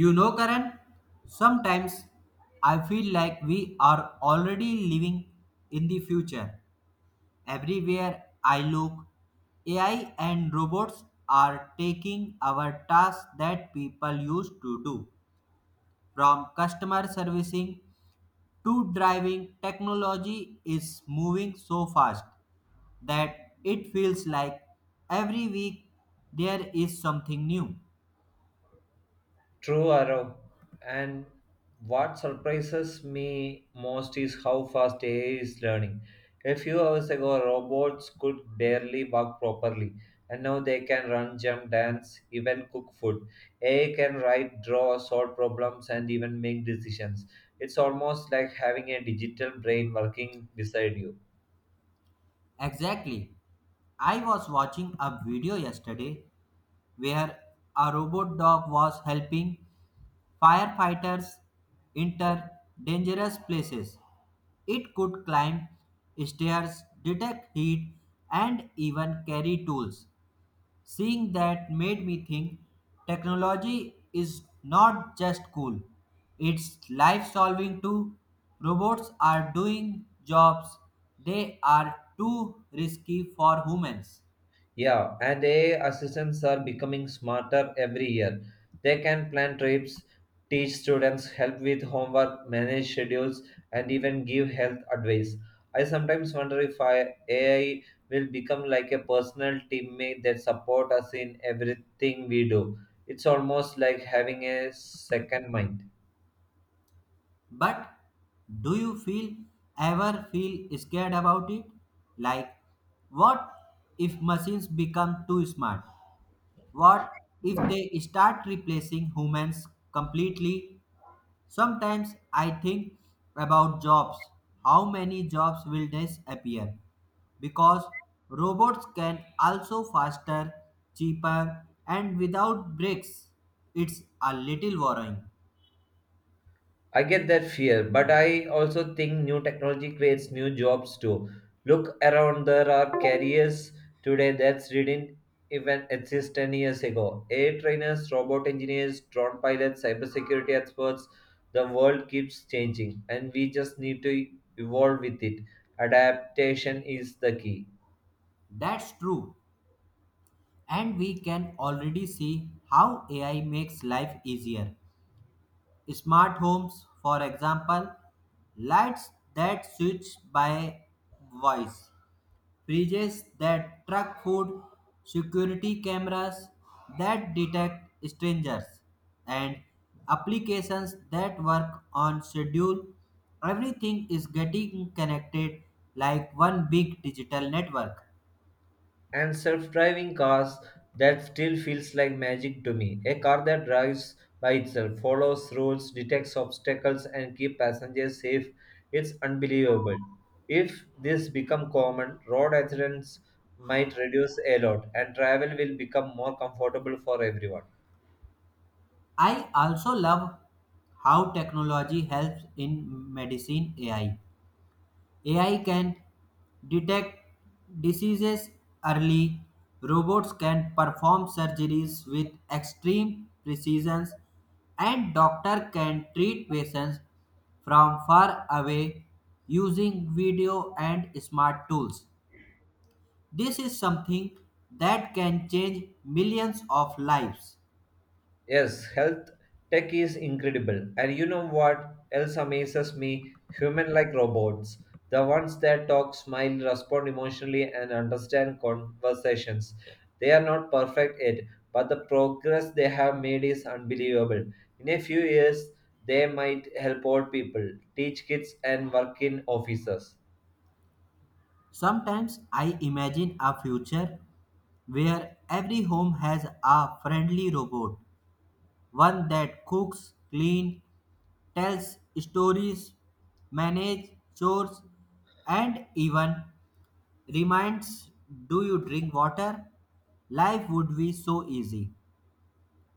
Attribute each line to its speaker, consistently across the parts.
Speaker 1: You know, Karan, sometimes I feel like we are already living in the future. Everywhere I look, AI and robots are taking our tasks that people used to do. From customer servicing to driving, technology is moving so fast that it feels like every week there is something new.
Speaker 2: True arrow. And what surprises me most is how fast AI is learning. A few hours ago, robots could barely walk properly, and now they can run, jump, dance, even cook food. AI can write, draw, solve problems, and even make decisions. It's almost like having a digital brain working beside you.
Speaker 1: Exactly. I was watching a video yesterday where a robot dog was helping firefighters enter dangerous places. It could climb stairs, detect heat, and even carry tools. Seeing that made me think technology is not just cool, it's life solving too. Robots are doing jobs they are too risky for humans.
Speaker 2: Yeah, and AI assistants are becoming smarter every year. They can plan trips, teach students, help with homework, manage schedules, and even give health advice. I sometimes wonder if AI will become like a personal teammate that support us in everything we do. It's almost like having a second mind.
Speaker 1: But do you feel ever feel scared about it? Like, what if machines become too smart? What if they start replacing humans completely? Sometimes I think about jobs. How many jobs will disappear? Because robots can also faster, cheaper, and without breaks. It's a little worrying.
Speaker 2: I get that fear, but I also think new technology creates new jobs too. Look around, there are careers today that didn't even exist 10 years ago. AI trainers, robot engineers, drone pilots, cybersecurity experts. The world keeps changing, and we just need to evolve with it. Adaptation is the key.
Speaker 1: That's true. And we can already see how AI makes life easier. Smart homes, for example, lights that switch by voice, fridges that track food, security cameras that detect strangers, and applications that work on schedule. Everything is getting connected like one big digital network.
Speaker 2: And self-driving cars that still feels like magic to me. A car that drives by itself, follows rules, detects obstacles, and keeps passengers safe. It's unbelievable. If this become common, road accidents might reduce a lot, and travel will become more comfortable for everyone.
Speaker 1: I also love how technology helps in medicine. AI can detect diseases early, robots can perform surgeries with extreme precision, and doctor can treat patients from far away using video and smart tools. This is something that can change millions of lives.
Speaker 2: Yes, health tech is incredible. And you know what else amazes me? Human like robots. The ones that talk, smile, respond emotionally, and understand conversations. They are not perfect yet, but the progress they have made is unbelievable. In a few years, they might help old people, teach kids, and work in offices.
Speaker 1: Sometimes I imagine a future where every home has a friendly robot, one that cooks, cleans, tells stories, manages chores, and even reminds, do you drink water? Life would be so easy.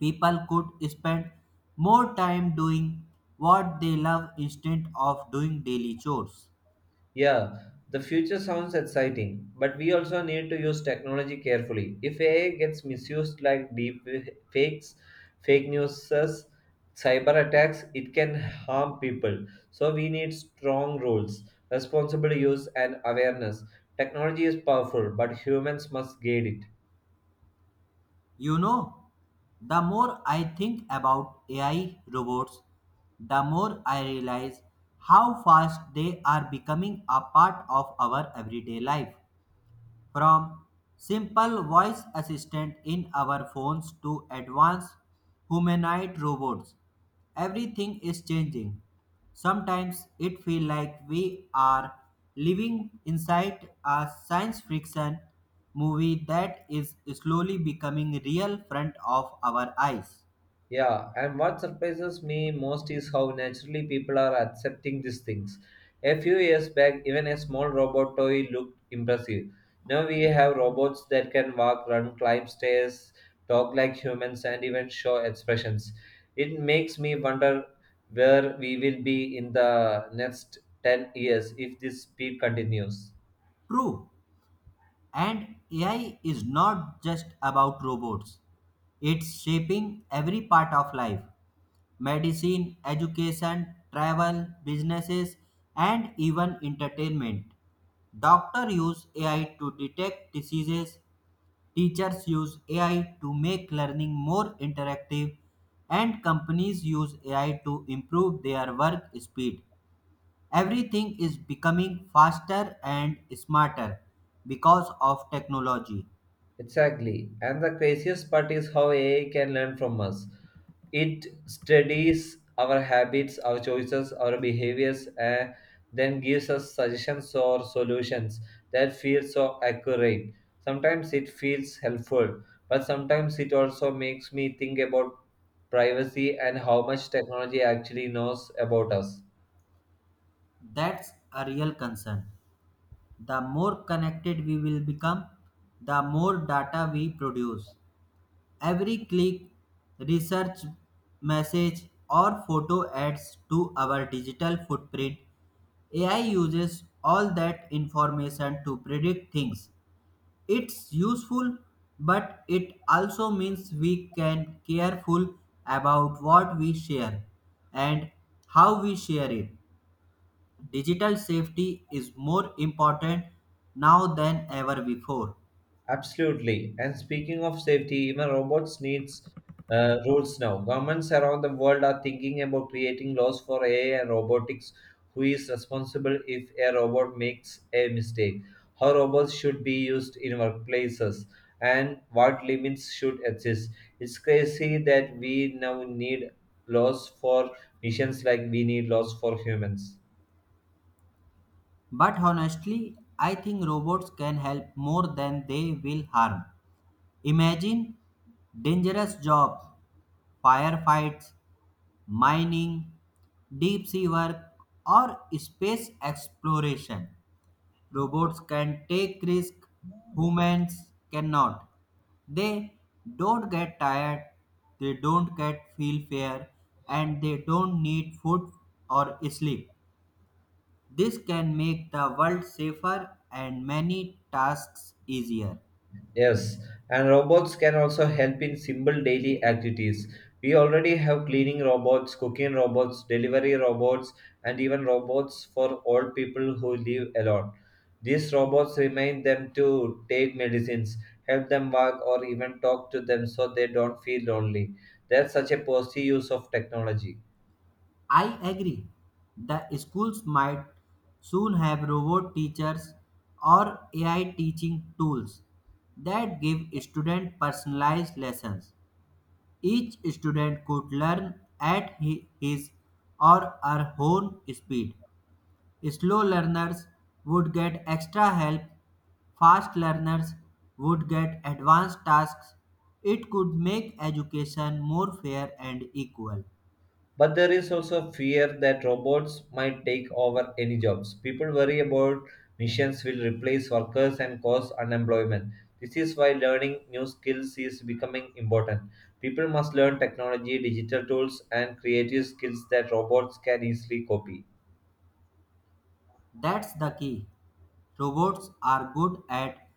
Speaker 1: People could spend more time doing what they love instead of doing daily chores.
Speaker 2: Yeah, the future sounds exciting, but we also need to use technology carefully. If AI gets misused like deep fakes, fake news, cyber attacks, it can harm people. So we need strong rules, responsible use, and awareness. Technology is powerful, but humans must guide it.
Speaker 1: You know, the more I think about AI robots, the more I realize how fast they are becoming a part of our everyday life. From simple voice assistant in our phones to advanced humanoid robots, everything is changing. Sometimes it feels like we are living inside a science fiction movie that is slowly becoming real front of our eyes.
Speaker 2: Yeah, and what surprises me most is how naturally people are accepting these things. A few years back, even a small robot toy looked impressive. Now we have robots that can walk, run, climb stairs, talk like humans, and even show expressions. It makes me wonder where we will be in the next 10 years if this speed continues.
Speaker 1: True, and AI is not just about robots. It's shaping every part of life, medicine, education, travel, businesses, and even entertainment. Doctors use AI to detect diseases, teachers use AI to make learning more interactive, and companies use AI to improve their work speed. Everything is becoming faster and smarter because of technology.
Speaker 2: Exactly. And the craziest part is how AI can learn from us. It studies our habits, our choices, our behaviors, and then gives us suggestions or solutions that feel so accurate. Sometimes it feels helpful, but sometimes it also makes me think about privacy and how much technology actually knows about us.
Speaker 1: That's a real concern. The more connected we will become, the more data we produce. Every click, research message, or photo adds to our digital footprint. AI uses all that information to predict things. It's useful, but it also means we can careful about what we share and how we share it. Digital safety is more important now than ever before.
Speaker 2: Absolutely. And speaking of safety, even robots needs rules now. Governments around the world are thinking about creating laws for AI and robotics. Who is responsible if a robot makes a mistake? How robots should be used in workplaces? And what limits should exist? It's crazy that we now need laws for missions like we need laws for humans.
Speaker 1: But honestly, I think robots can help more than they will harm. Imagine dangerous jobs, firefights, mining, deep sea work, or space exploration. Robots can take risks, humans cannot. They don't get tired, they don't get feel fear, and they don't need food or sleep. This can make the world safer and many tasks easier.
Speaker 2: Yes, and robots can also help in simple daily activities. We already have cleaning robots, cooking robots, delivery robots, and even robots for old people who live alone. These robots remind them to take medicines, help them walk, or even talk to them so they don't feel lonely. That's such a positive use of technology.
Speaker 1: I agree. The schools might soon have robot teachers or AI teaching tools that give students personalized lessons. Each student could learn at his or her own speed. Slow learners would get extra help, fast learners would get advanced tasks. It could make education more fair and equal.
Speaker 2: But there is also fear that robots might take over any jobs. People worry about machines will replace workers and cause unemployment. This is why learning new skills is becoming important. People must learn technology, digital tools, and creative skills that robots can easily copy.
Speaker 1: That's the key. Robots are good at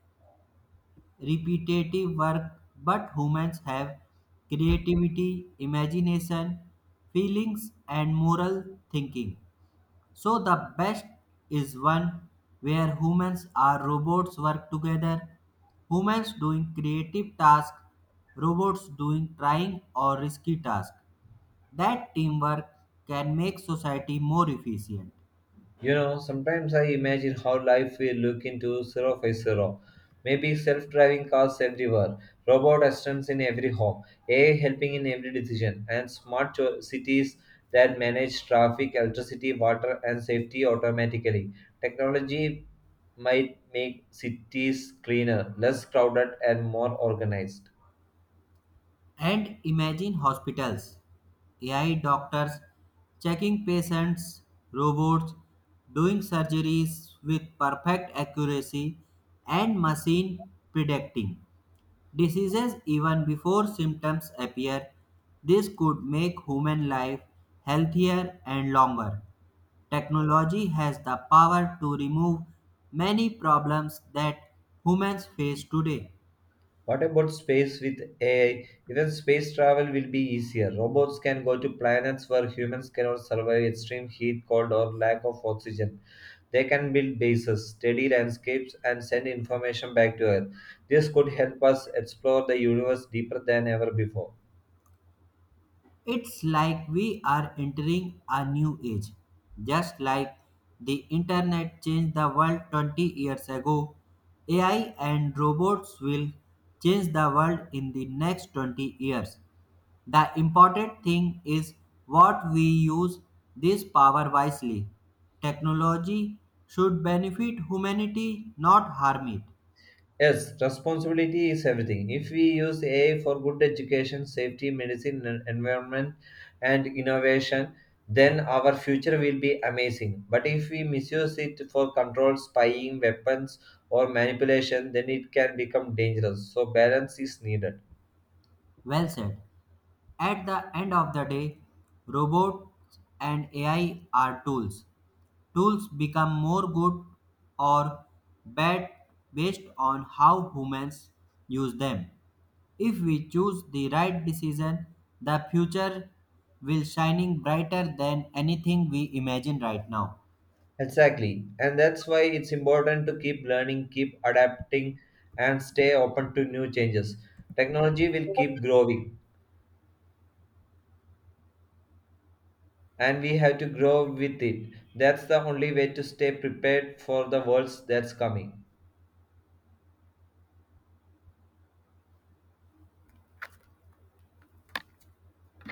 Speaker 1: repetitive work, but humans have creativity, imagination, feelings, and moral thinking. So the best is one where humans or robots work together. Humans doing creative tasks, robots doing trying or risky tasks. That teamwork can make society more efficient.
Speaker 2: You know, sometimes I imagine how life will look into 050. Maybe self driving cars everywhere, robot assistants in every home, AI helping in every decision, and smart cities that manage traffic, electricity, water, and safety automatically. Technology might make cities cleaner, less crowded, and more organized.
Speaker 1: And imagine hospitals, AI doctors checking patients, robots doing surgeries with perfect accuracy, and machine predicting diseases even before symptoms appear. This could make human life healthier and longer. Technology has the power to remove many problems that humans face today.
Speaker 2: What about space with AI? Even space travel will be easier. Robots can go to planets where humans cannot survive extreme heat, cold, or lack of oxygen. They can build bases, study landscapes, and send information back to Earth. This could help us explore the universe deeper than ever before.
Speaker 1: It's like we are entering a new age. Just like the internet changed the world 20 years ago, AI and robots will change the world in the next 20 years. The important thing is what we use this power wisely. Technology should benefit humanity, not harm it.
Speaker 2: Yes, responsibility is everything. If we use AI for good education, safety, medicine, environment, and innovation, then our future will be amazing. But if we misuse it for control, spying, weapons, or manipulation, then it can become dangerous. So, balance is needed.
Speaker 1: Well said. At the end of the day, robots and AI are tools. Tools become more good or bad based on how humans use them. If we choose the right decision, the future will shining brighter than anything we imagine right now.
Speaker 2: Exactly. And that's why it's important to keep learning, keep adapting, and stay open to new changes. Technology will keep growing and we have to grow with it. That's the only way to stay prepared for the world that's coming.